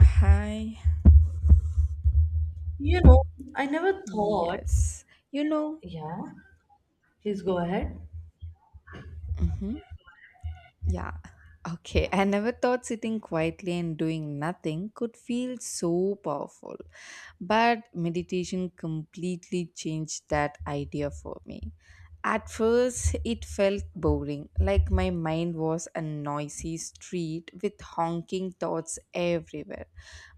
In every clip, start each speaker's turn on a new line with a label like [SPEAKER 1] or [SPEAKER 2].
[SPEAKER 1] Hi.
[SPEAKER 2] You know, I never thought.
[SPEAKER 1] Yes. You know,
[SPEAKER 2] Yeah, please go ahead.
[SPEAKER 1] hmm yeah. Okay, I never thought sitting quietly and doing nothing could feel so powerful. But meditation completely changed that idea for me. At first, it felt boring, like my mind was a noisy street with honking thoughts everywhere.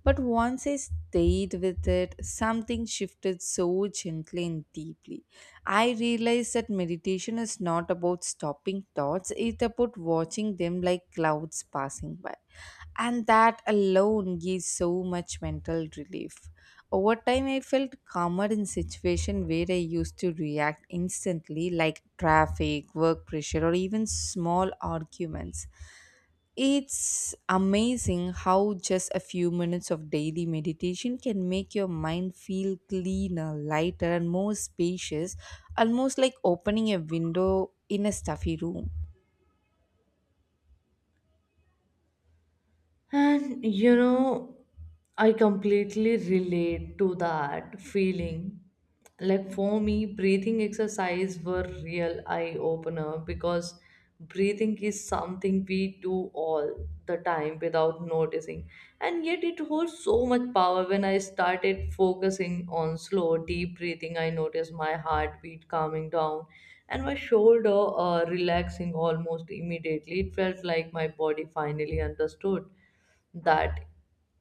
[SPEAKER 1] But once I stayed with it, something shifted so gently and deeply. I realized that meditation is not about stopping thoughts, it's about watching them like clouds passing by. And that alone gives so much mental relief. Over time, I felt calmer in situations where I used to react instantly, like traffic, work pressure, or even small arguments. It's amazing how just a few minutes of daily meditation can make your mind feel cleaner, lighter, and more spacious, almost like opening a window in a stuffy room.
[SPEAKER 2] And you know, I completely relate to that feeling. Like for me, breathing exercise were real eye opener because breathing is something we do all the time without noticing. And yet it holds so much power. When I started focusing on slow, deep breathing, I noticed my heartbeat calming down and my shoulder relaxing almost immediately. It felt like my body finally understood that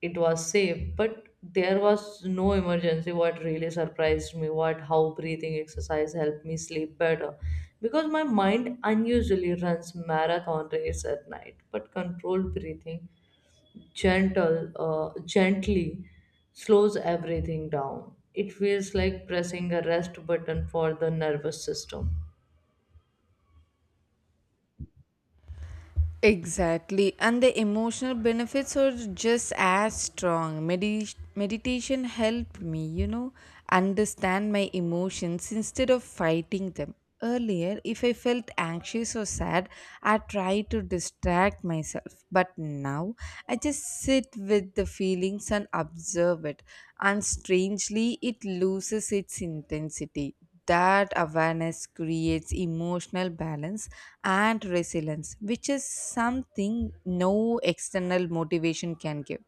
[SPEAKER 2] it was safe but there was no emergency. What really surprised me what how breathing exercise helped me sleep better because my mind unusually runs marathon race at night but controlled breathing gentle gently slows everything down. It feels like pressing a rest button for the nervous system.
[SPEAKER 1] Exactly, and the emotional benefits are just as strong. Meditation helped me understand my emotions instead of fighting them. Earlier, if I felt anxious or sad, I tried to distract myself. But now, I just sit with the feelings and observe it. And strangely, it loses its intensity. That awareness creates emotional balance and resilience, which is something no external motivation can give.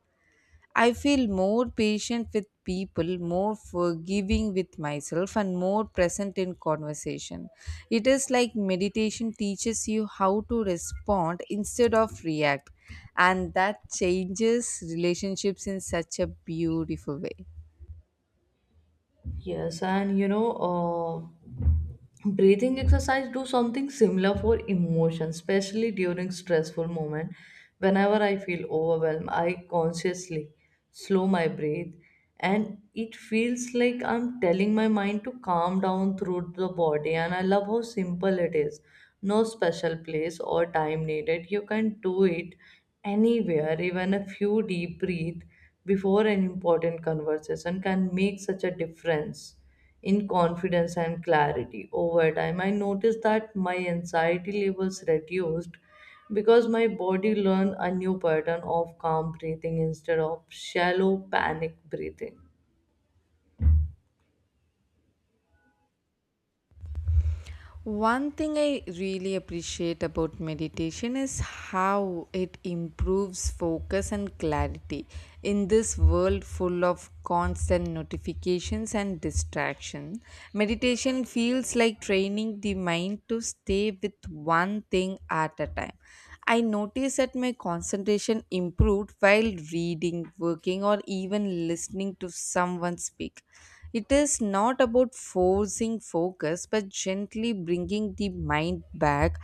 [SPEAKER 1] I feel more patient with people, more forgiving with myself, and more present in conversation. It is like meditation teaches you how to respond instead of react, and that changes relationships in such a beautiful way.
[SPEAKER 2] Yes, and you know, uh, breathing exercise do something similar for emotion, especially during stressful moment. Whenever I feel overwhelmed, I consciously slow my breath, and it feels like I'm telling my mind to calm down through the body. And I love how simple it is. No special place or time needed. You can do it anywhere, even a few deep breath before an important conversation can make such a difference in confidence and clarity over time. I noticed that my anxiety levels reduced because my body learned a new pattern of calm breathing instead of shallow panic breathing.
[SPEAKER 1] One thing I really appreciate about meditation is how it improves focus and clarity in this world full of constant notifications and distraction. Meditation feels like training the mind to stay with one thing at a time. I noticed that my concentration improved while reading, working, or even listening to someone speak. It is not about forcing focus, but gently bringing the mind back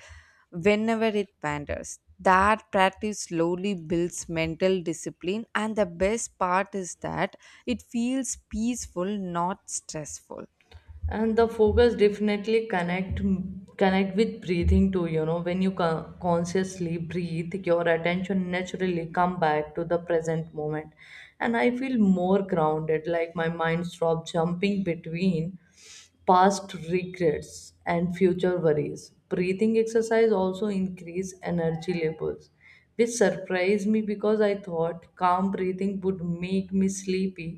[SPEAKER 1] whenever it wanders. That practice slowly builds mental discipline, and the best part is that it feels peaceful, not stressful.
[SPEAKER 2] And the focus definitely connect with breathing too, you know. When you consciously breathe, your attention naturally come back to the present moment, and I feel more grounded. Like my mind stop jumping between past regrets and future worries. Breathing exercise also increase energy levels, which surprised me because I thought calm breathing would make me sleepy,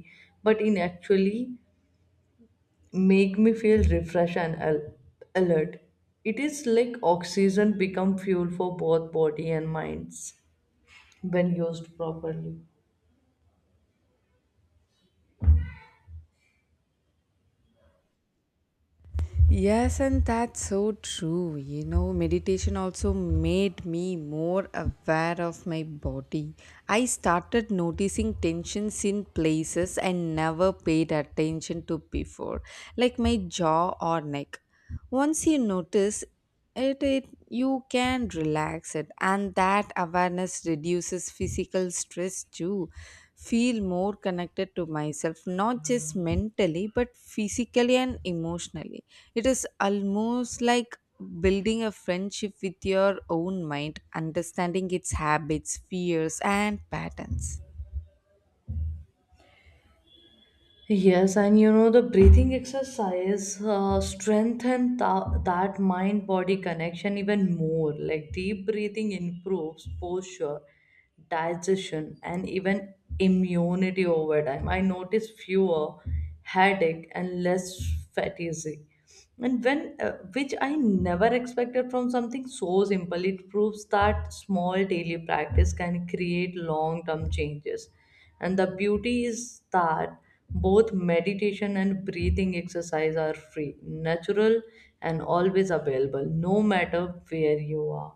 [SPEAKER 2] but in actually make me feel refreshed and alert. It is like oxygen become fuel for both body and minds when used properly.
[SPEAKER 1] Yes, and that's so true. You know, meditation also made me more aware of my body. I started noticing tensions in places I never paid attention to before, like my jaw or neck. Once you notice it, you can relax it, and that awareness reduces physical stress too. Feel more connected to myself, not just mentally but physically and emotionally. It is almost like building a friendship with your own mind, understanding its habits, fears, and patterns.
[SPEAKER 2] Yes, and you know the breathing exercise strengthen that mind body connection even more. Like deep breathing improves posture, digestion, and even immunity over time. I notice fewer headache and less fatigue and when which I never expected from something so simple. It proves that small daily practice can create long term changes, and the beauty is that both meditation and breathing exercise are free, natural, and always available no matter where you are.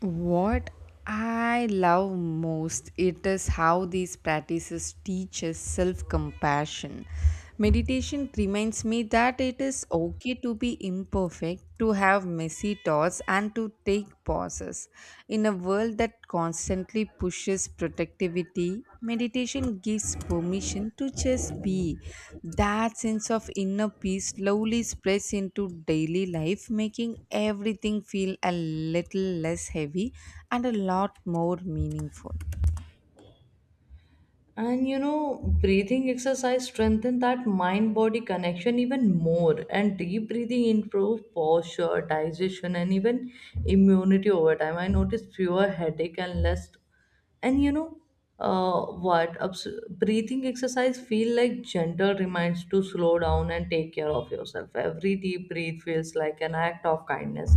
[SPEAKER 1] What I love most it is how these practices teach us self-compassion. Meditation reminds me that it is okay to be imperfect, to have messy thoughts and to take pauses. In a world that constantly pushes productivity, meditation gives permission to just be. That sense of inner peace slowly spreads into daily life, making everything feel a little less heavy and a lot more meaningful.
[SPEAKER 2] And you know, breathing exercise strengthen that mind body connection even more. And deep breathing improves posture, digestion, and even immunity over time. I noticed fewer headache and less. And you know, breathing exercise feel like gentle reminds to slow down and take care of yourself. Every deep breath feels like an act of kindness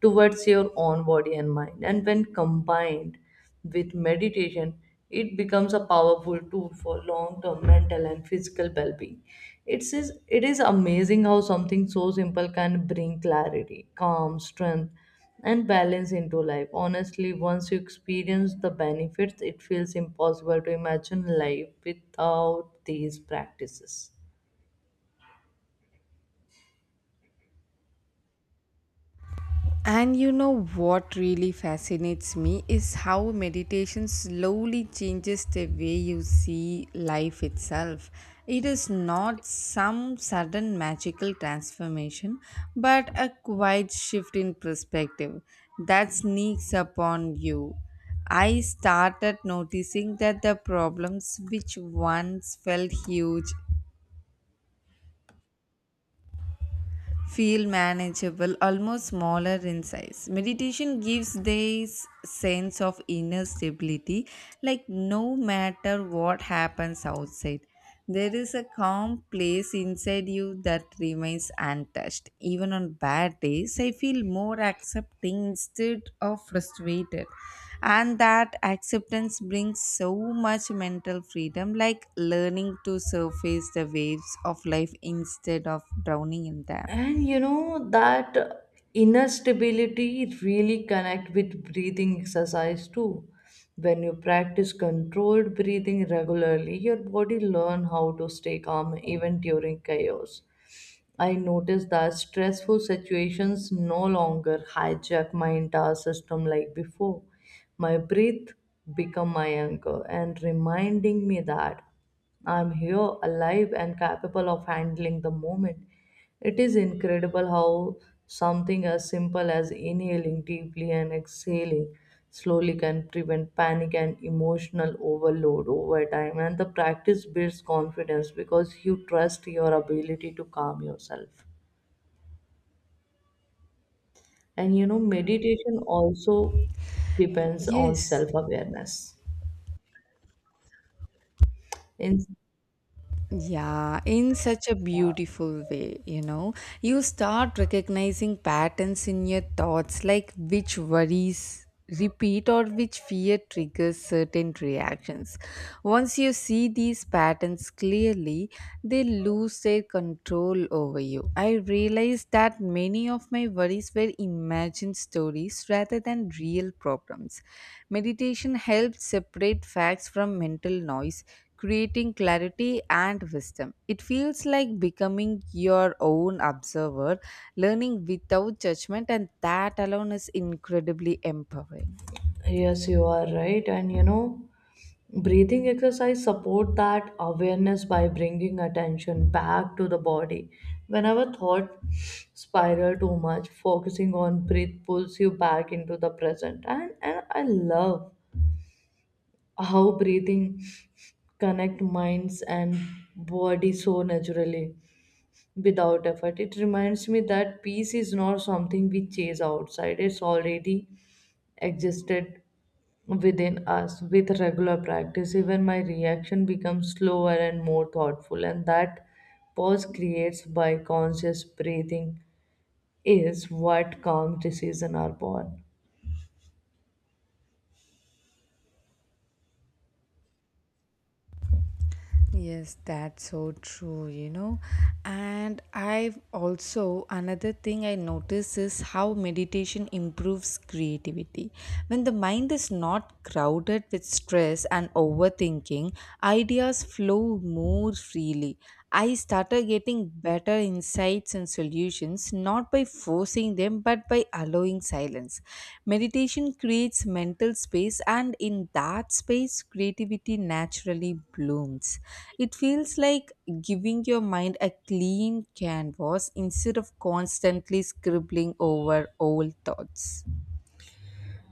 [SPEAKER 2] towards your own body and mind. And when combined with meditation, it becomes a powerful tool for long-term mental and physical well-being. It is amazing how something so simple can bring clarity, calm, strength, and balance into life. Honestly, once you experience the benefits, it feels impossible to imagine life without these practices.
[SPEAKER 1] And you know what really fascinates me is how meditation slowly changes the way you see life itself. It is not some sudden magical transformation, but a quiet shift in perspective that sneaks upon you. I started noticing that the problems which once felt huge feel manageable, almost smaller in size. Meditation gives this sense of inner stability, like no matter what happens outside, there is a calm place inside you that remains untouched. Even on bad days, I feel more accepting instead of frustrated. And that acceptance brings so much mental freedom, like learning to surface the waves of life instead of drowning in them.
[SPEAKER 2] And you know, that inner stability really connect with breathing exercise too. When you practice controlled breathing regularly, your body learn how to stay calm even during chaos. I notice that stressful situations no longer hijack my entire system like before. My breath become my anchor and reminding me that I'm here, alive and capable of handling the moment. It is incredible how something as simple as inhaling deeply and exhaling slowly can prevent panic and emotional overload over time. And the practice builds confidence because you trust your ability to calm yourself. And you know, meditation also depends on
[SPEAKER 1] Yes.
[SPEAKER 2] self awareness. In.
[SPEAKER 1] Yeah, in such a beautiful way, you know. You start recognizing patterns in your thoughts, like which worries repeat or which fear triggers certain reactions. Once you see these patterns clearly, they lose their control over you. I realized that many of my worries were imagined stories rather than real problems. Meditation helps separate facts from mental noise, creating clarity and wisdom. It feels like becoming your own observer, learning without judgment, and that alone is incredibly empowering.
[SPEAKER 2] Yes, you are right. And you know, breathing exercise support that awareness by bringing attention back to the body. Whenever thought spiral too much, focusing on breath pulls you back into the present. And I love how breathing connect minds and body so naturally without effort. It reminds me that peace is not something we chase outside. It's already existed within us. With regular practice, even my reaction becomes slower and more thoughtful, and that pause creates by conscious breathing is what calm decisions are born.
[SPEAKER 1] Yes, that's so true, you know. And I've also another thing I notice is how meditation improves creativity. When the mind is not crowded with stress and overthinking, ideas flow more freely. I started getting better insights and solutions, not by forcing them but by allowing silence. Meditation creates mental space, and in that space, creativity naturally blooms. It feels like giving your mind a clean canvas instead of constantly scribbling over old thoughts.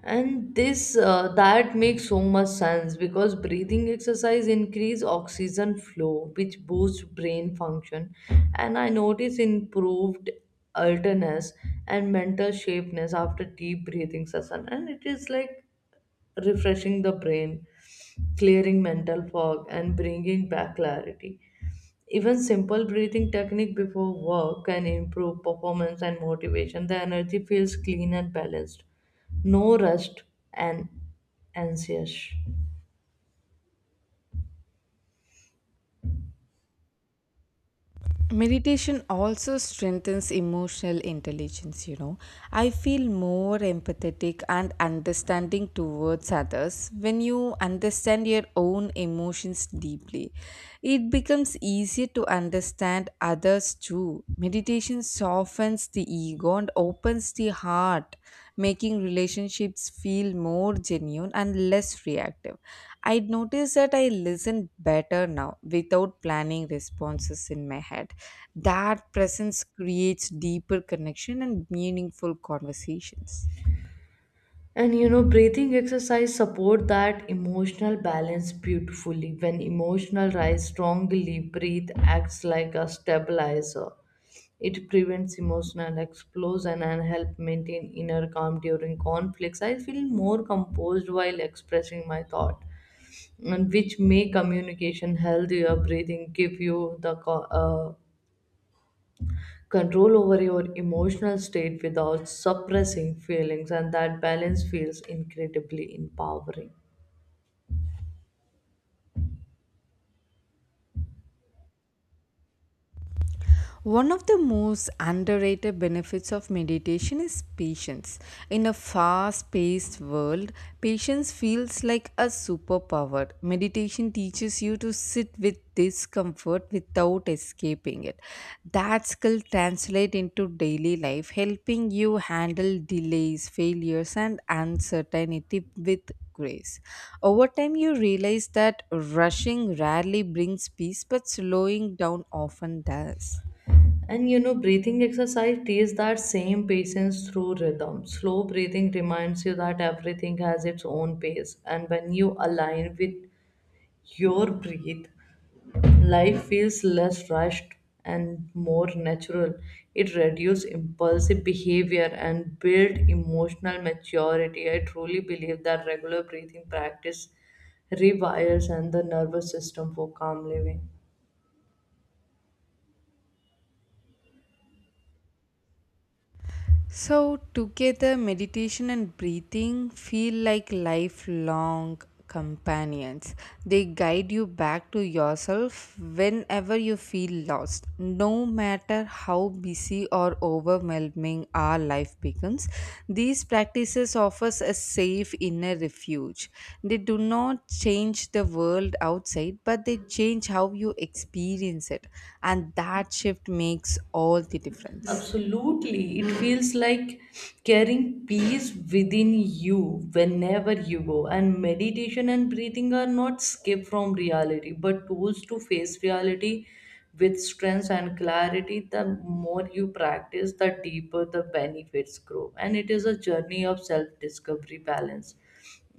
[SPEAKER 2] And this that makes so much sense because breathing exercise increase oxygen flow which boosts brain function, and I notice improved alertness and mental sharpness after deep breathing session. And it is like refreshing the brain, clearing mental fog and bringing back clarity. Even simple breathing technique before work can improve performance and motivation. The energy feels clean and balanced, no rushed and anxious.
[SPEAKER 1] Meditation also strengthens emotional intelligence, you know. I feel more empathetic and understanding towards others. When you understand your own emotions deeply, it becomes easier to understand others too. Meditation softens the ego and opens the heart, making relationships feel more genuine and less reactive. I noticed that I listen better now without planning responses in my head. That presence creates deeper connection and meaningful conversations.
[SPEAKER 2] And you know, breathing exercise support that emotional balance beautifully. When emotional rise strongly, breathe acts like a stabilizer. It prevents emotional explosion and help maintain inner calm during conflicts. I feel more composed while expressing my thought, and which make communication healthier. Breathing give you the control over your emotional state without suppressing feelings, and that balance feels incredibly empowering.
[SPEAKER 1] One of the most underrated benefits of meditation is patience. In a fast paced world, patience feels like a superpower. Meditation teaches you to sit with discomfort without escaping it. That skill translates into daily life, helping you handle delays, failures, and uncertainty with grace. Over time, you realize that rushing rarely brings peace, but slowing down often does.
[SPEAKER 2] And you know, breathing exercise teaches that same patience through rhythm. Slow breathing reminds you that everything has its own pace, and when you align with your breath, life feels less rushed and more natural. It reduces impulsive behavior and builds emotional maturity. I truly believe that regular breathing practice rewires and the nervous system for calm living.
[SPEAKER 1] So, together, meditation and breathing feel like lifelong companions. They guide you back to yourself whenever you feel lost. No matter how busy or overwhelming our life becomes, these practices offer us a safe inner refuge. They do not change the world outside, but they change how you experience it. And that shift makes all the difference.
[SPEAKER 2] Absolutely. It feels like carrying peace within you whenever you go. And meditation and breathing are not escape from reality, but tools to face reality with strength and clarity. The more you practice, the deeper the benefits grow. And it is a journey of self discovery, balance,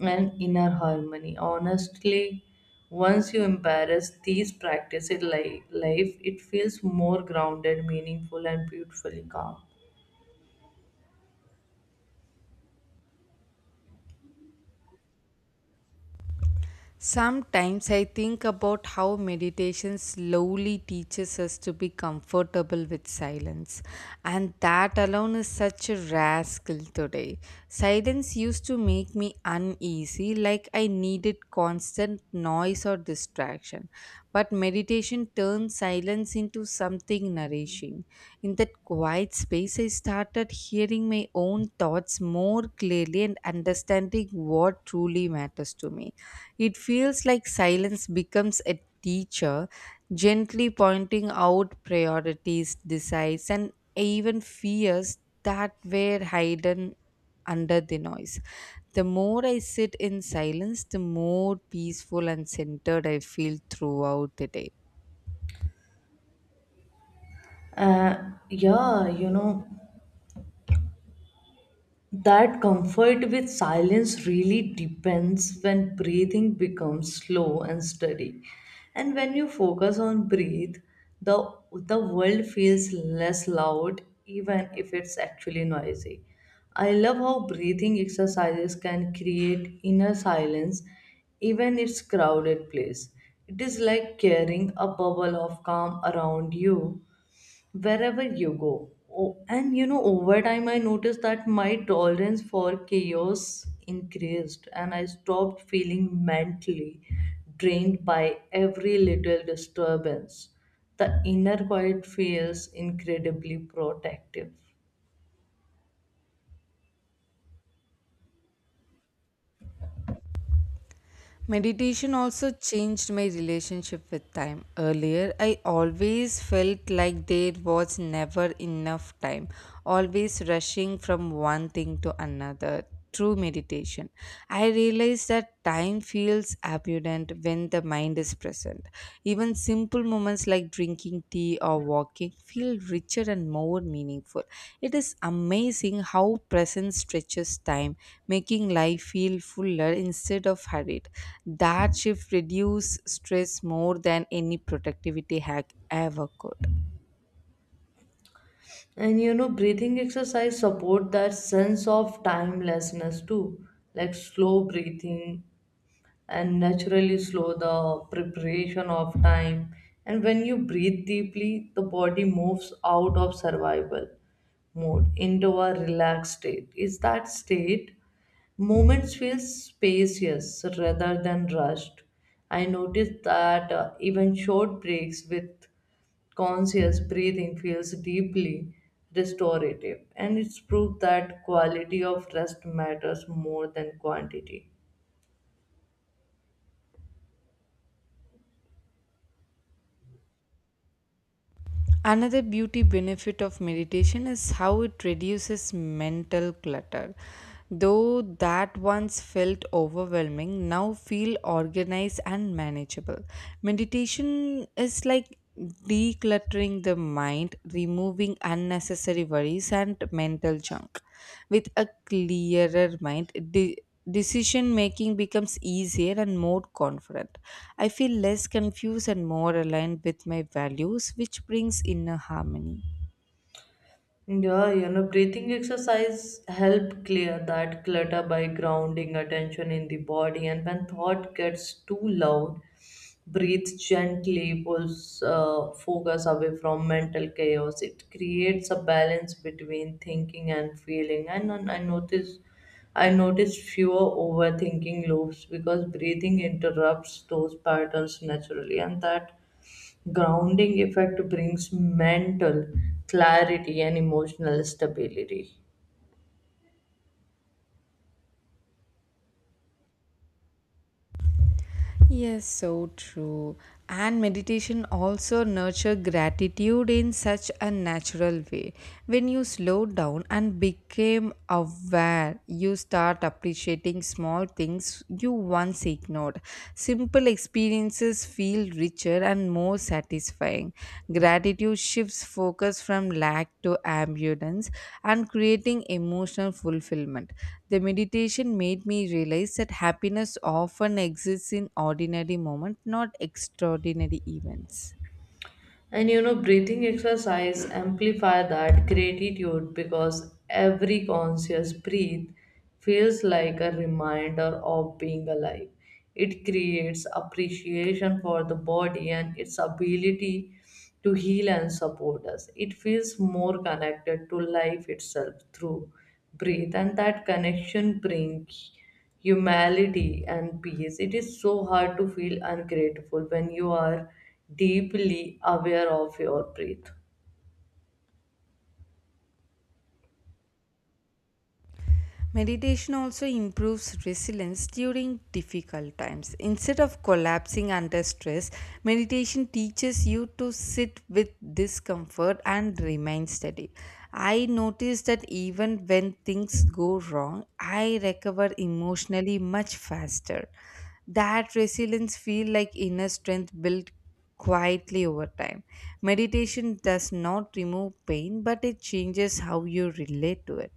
[SPEAKER 2] and inner harmony. Honestly, once you embrace these practices in life, it feels more grounded, meaningful, and beautifully calm.
[SPEAKER 1] Sometimes I think about how meditation slowly teaches us to be comfortable with silence, and that alone is such a rare skill today. Silence used to make me uneasy, like I needed constant noise or distraction. But meditation turns silence into something nourishing. In that quiet space, I started hearing my own thoughts more clearly and understanding what truly matters to me. It feels like silence becomes a teacher, gently pointing out priorities, desires, and even fears that were hidden under the noise. The more I sit in silence, the more peaceful and centered I feel throughout the day.
[SPEAKER 2] Yeah, you know. That comfort with silence really depends when breathing becomes slow and steady. And when you focus on breathe, the world feels less loud even if it's actually noisy. I love how breathing exercises can create inner silence even it's crowded place. It is like carrying a bubble of calm around you wherever you go. Oh, and you know, over time, I noticed that my tolerance for chaos increased, and I stopped feeling mentally drained by every little disturbance. The inner quiet feels incredibly protective.
[SPEAKER 1] Meditation also changed my relationship with time. Earlier, I always felt like there was never enough time, always rushing from one thing to another. Through meditation, I realized that time feels abundant when the mind is present. Even simple moments like drinking tea or walking feel richer and more meaningful. It is amazing how presence stretches time, making life feel fuller instead of hurried. That shift reduces stress more than any productivity hack ever could.
[SPEAKER 2] And you know, breathing exercise support that sense of timelessness too, like slow breathing and naturally slow the preparation of time. And when you breathe deeply, the body moves out of survival mode into a relaxed state. Is that state? Moments feel spacious rather than rushed. I noticed that even short breaks with conscious breathing feels deeply restorative, and it's proved that quality of rest matters more than quantity.
[SPEAKER 1] Another beauty benefit of meditation is how it reduces mental clutter. Though that once felt overwhelming, now feel organized and manageable. Meditation is like decluttering the mind, removing unnecessary worries and mental junk. With a clearer mind, decision making becomes easier and more confident. I feel less confused and more aligned with my values, which brings inner harmony.
[SPEAKER 2] Yeah, you know, breathing exercise help clear that clutter by grounding attention in the body. And when thought gets too loud, breathe gently, pulls focus away from mental chaos. It creates a balance between thinking and feeling. And I noticed fewer overthinking loops because breathing interrupts those patterns naturally, and that grounding effect brings mental clarity and emotional stability.
[SPEAKER 1] Yes, so true. And meditation also nurture gratitude in such a natural way. When you slow down and become aware, you start appreciating small things you once ignored. Simple experiences feel richer and more satisfying. Gratitude shifts focus from lack to abundance and creating emotional fulfillment. The meditation made me realize that happiness often exists in ordinary moments, not extraordinary events.
[SPEAKER 2] And you know, breathing exercise amplify that gratitude because every conscious breath feels like a reminder of being alive. It creates appreciation for the body and its ability to heal and support us. It feels more connected to life itself through breath, and that connection brings humanity and peace. It is so hard to feel ungrateful when you are deeply aware of your breath.
[SPEAKER 1] Meditation also improves resilience during difficult times. Instead of collapsing under stress, meditation teaches you to sit with discomfort and remain steady. I noticed that even when things go wrong, I recover emotionally much faster. That resilience feel like inner strength built quietly over time. Meditation does not remove pain, but it changes how you relate to it.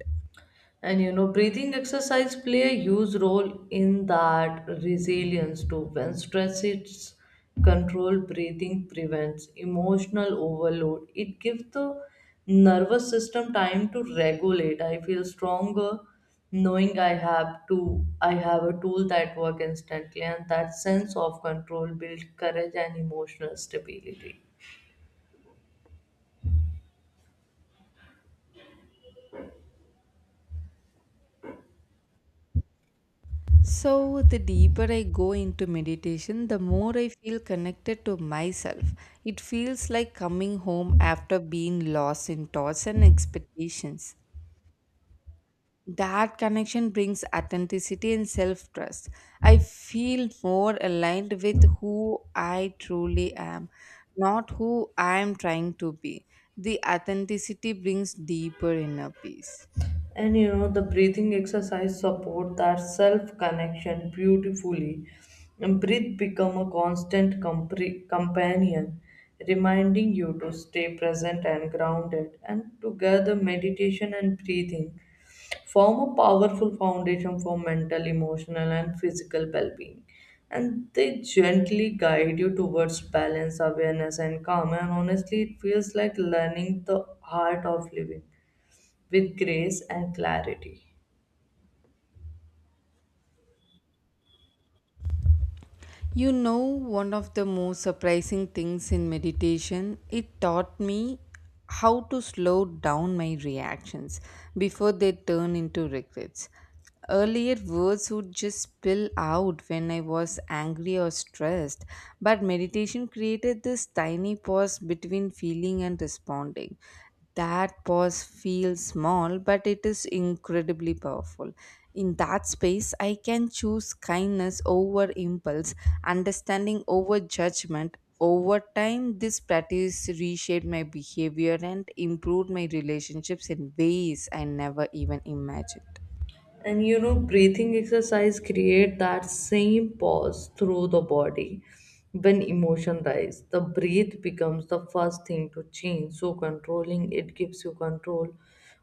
[SPEAKER 2] And you know, breathing exercise play a huge role in that resilience too. When stress is controlled, breathing prevents emotional overload. It gives the nervous system time to regulate. I feel stronger knowing I have a tool that work instantly, and that sense of control builds courage and emotional stability.
[SPEAKER 1] So, the deeper I go into meditation, the more I feel connected to myself. It feels like coming home after being lost in thoughts and expectations. That connection brings authenticity and self trust. I feel more aligned with who I truly am, not who I am trying to be. The authenticity brings deeper inner peace.
[SPEAKER 2] And you know, the breathing exercise support that self connection beautifully, and breath become a constant companion, reminding you to stay present and grounded. And together meditation and breathing form a powerful foundation for mental, emotional and physical well-being, and they gently guide you towards balance, awareness and calm. And honestly it feels like learning the art of living with grace and clarity.
[SPEAKER 1] You know, one of the most surprising things in meditation, it taught me how to slow down my reactions before they turn into regrets. Earlier, words would just spill out when I was angry or stressed, but meditation created this tiny pause between feeling and responding. That pause feels small, but it is incredibly powerful. In that space, I can choose kindness over impulse, understanding over judgment. Over time, this practice reshaped my behavior and improved my relationships in ways I never even imagined.
[SPEAKER 2] And you know, breathing exercise create that same pause through the body. When emotion rise, the breath becomes the first thing to change. So controlling it gives you control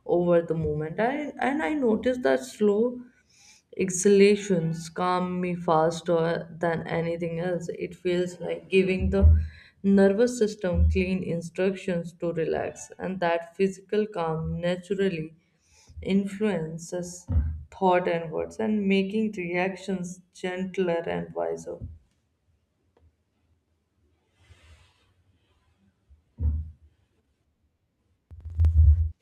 [SPEAKER 2] over the moment. And I noticed that slow exhalations calm me faster than anything else. It feels like giving the nervous system clean instructions to relax, and that physical calm naturally influences thought and words and making reactions gentler and wiser.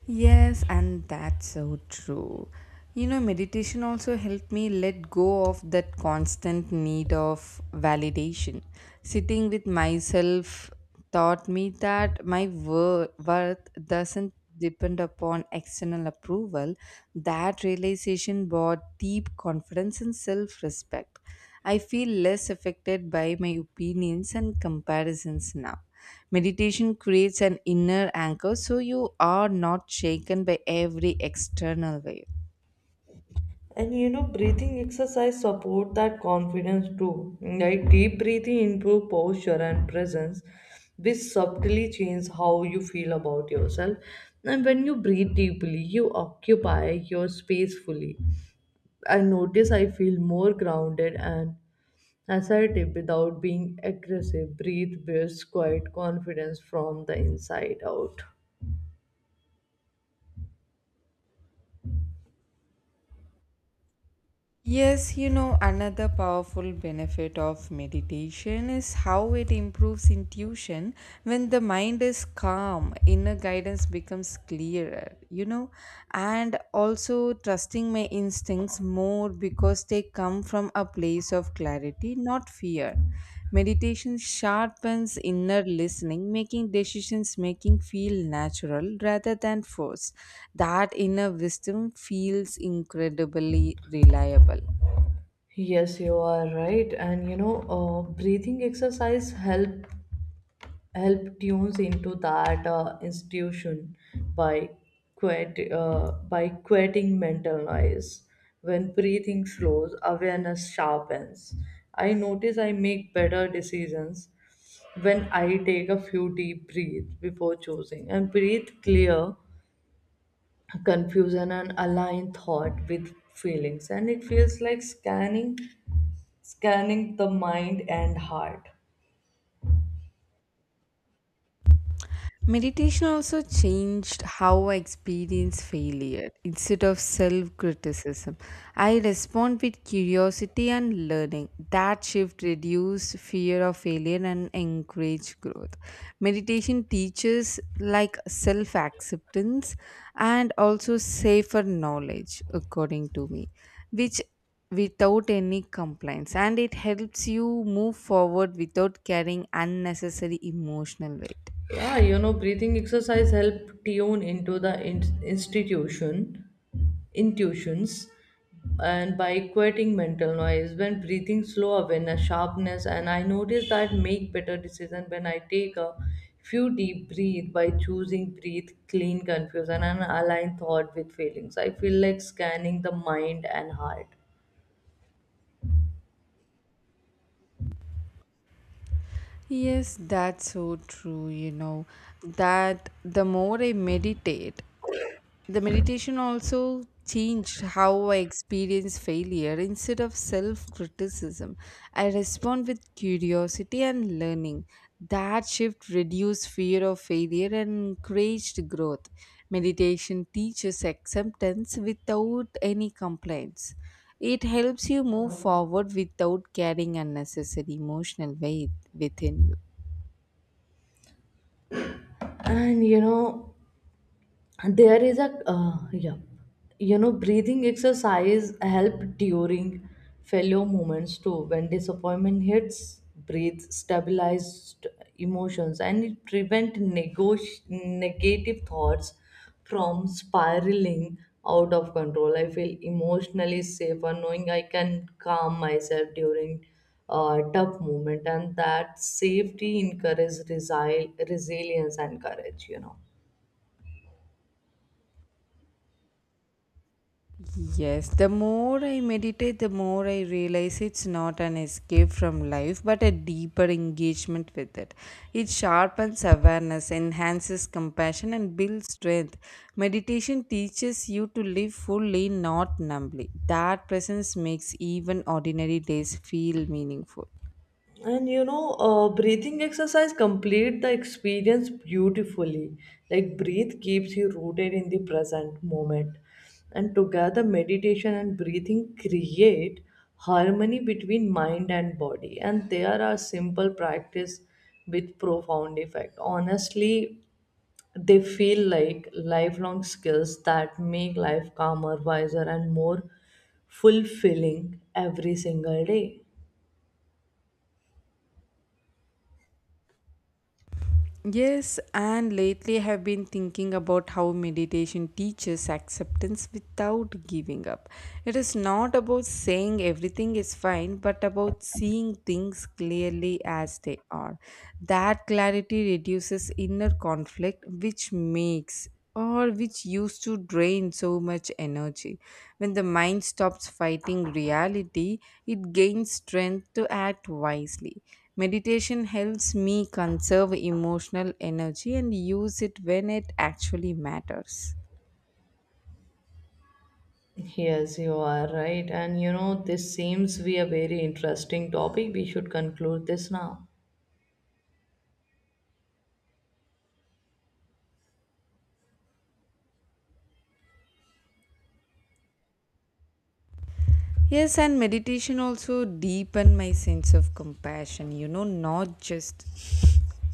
[SPEAKER 1] Yes, and that's so true. You know, meditation also helped me let go of that constant need of validation. Sitting with myself taught me that my worth doesn't depend upon external approval. That realization brought deep confidence and self respect. I feel less affected by my opinions and comparisons now. Meditation creates an inner anchor so you are not shaken by every external wave.
[SPEAKER 2] And you know, breathing exercise support that confidence too. Like deep breathing improve posture and presence, which subtly change how you feel about yourself. And when you breathe deeply, you occupy your space fully. I notice I feel more grounded and assertive without being aggressive. Breathe builds quiet confidence from the inside out.
[SPEAKER 1] Yes, you know, another powerful benefit of meditation is how it improves intuition. When the mind is calm, inner guidance becomes clearer, you know, and also trusting my instincts more because they come from a place of clarity, not fear. Meditation sharpens inner listening, making decisions making feel natural rather than forced. That inner wisdom feels incredibly reliable.
[SPEAKER 2] Yes, you are right. And you know, breathing exercise help tunes into that institution by by quieting mental noise. When breathing slows, awareness sharpens. I notice I make better decisions when I take a few deep breaths before choosing, and breathe clear confusion and align thought with feelings. And it feels like scanning the mind and heart.
[SPEAKER 1] Meditation also changed how I experience failure. Instead of self criticism, I respond with curiosity and learning. That shift reduced fear of failure and encouraged growth. Meditation teaches like self acceptance and also safer knowledge, according to me, which without any complaints, and it helps you move forward without carrying unnecessary emotional weight.
[SPEAKER 2] Yeah, you know, breathing exercise help tune into the institution, intuitions, and by quieting mental noise. When breathing slow awareness, sharpness, and I notice that make better decision when I take a few deep breath by choosing breathe clean, confusion, and align thought with feelings. I feel like scanning the mind and heart.
[SPEAKER 1] Yes, that's so true. You know, that the more I meditate, the meditation also changed how I experience failure. Instead of self criticism, I respond with curiosity and learning. That shift reduced fear of failure and encouraged growth. Meditation teaches acceptance without any complaints. It helps you move forward without carrying unnecessary emotional weight within you.
[SPEAKER 2] And you know, there is a you know breathing exercise help during failure moments too. When disappointment hits, breathe stabilized emotions, and it prevent negative thoughts from spiraling out of control. I feel emotionally safer knowing I can calm myself during a tough moment, and that safety encourages resilience and courage, you know.
[SPEAKER 1] Yes, the more I meditate, the more I realize it's not an escape from life but a deeper engagement with it. It sharpens awareness, enhances compassion, and builds strength. Meditation teaches you to live fully, not numbly. That presence makes even ordinary days feel meaningful.
[SPEAKER 2] And you know, breathing exercise complete the experience beautifully, like breathe keeps you rooted in the present moment. And together meditation and breathing create harmony between mind and body, and there are simple practice with profound effect. Honestly, they feel like lifelong skills that make life calmer, wiser and more fulfilling every single day.
[SPEAKER 1] Yes, and lately I have been thinking about how meditation teaches acceptance without giving up. It is not about saying everything is fine, but about seeing things clearly as they are. That clarity reduces inner conflict, which makes or which used to drain so much energy. When the mind stops fighting reality, it gains strength to act wisely. Meditation helps me conserve emotional energy and use it when it actually matters.
[SPEAKER 2] Yes, you are right. And you know, this seems to be a very interesting topic. We should conclude this now.
[SPEAKER 1] Yes, and meditation also deepen my sense of compassion, you know, not just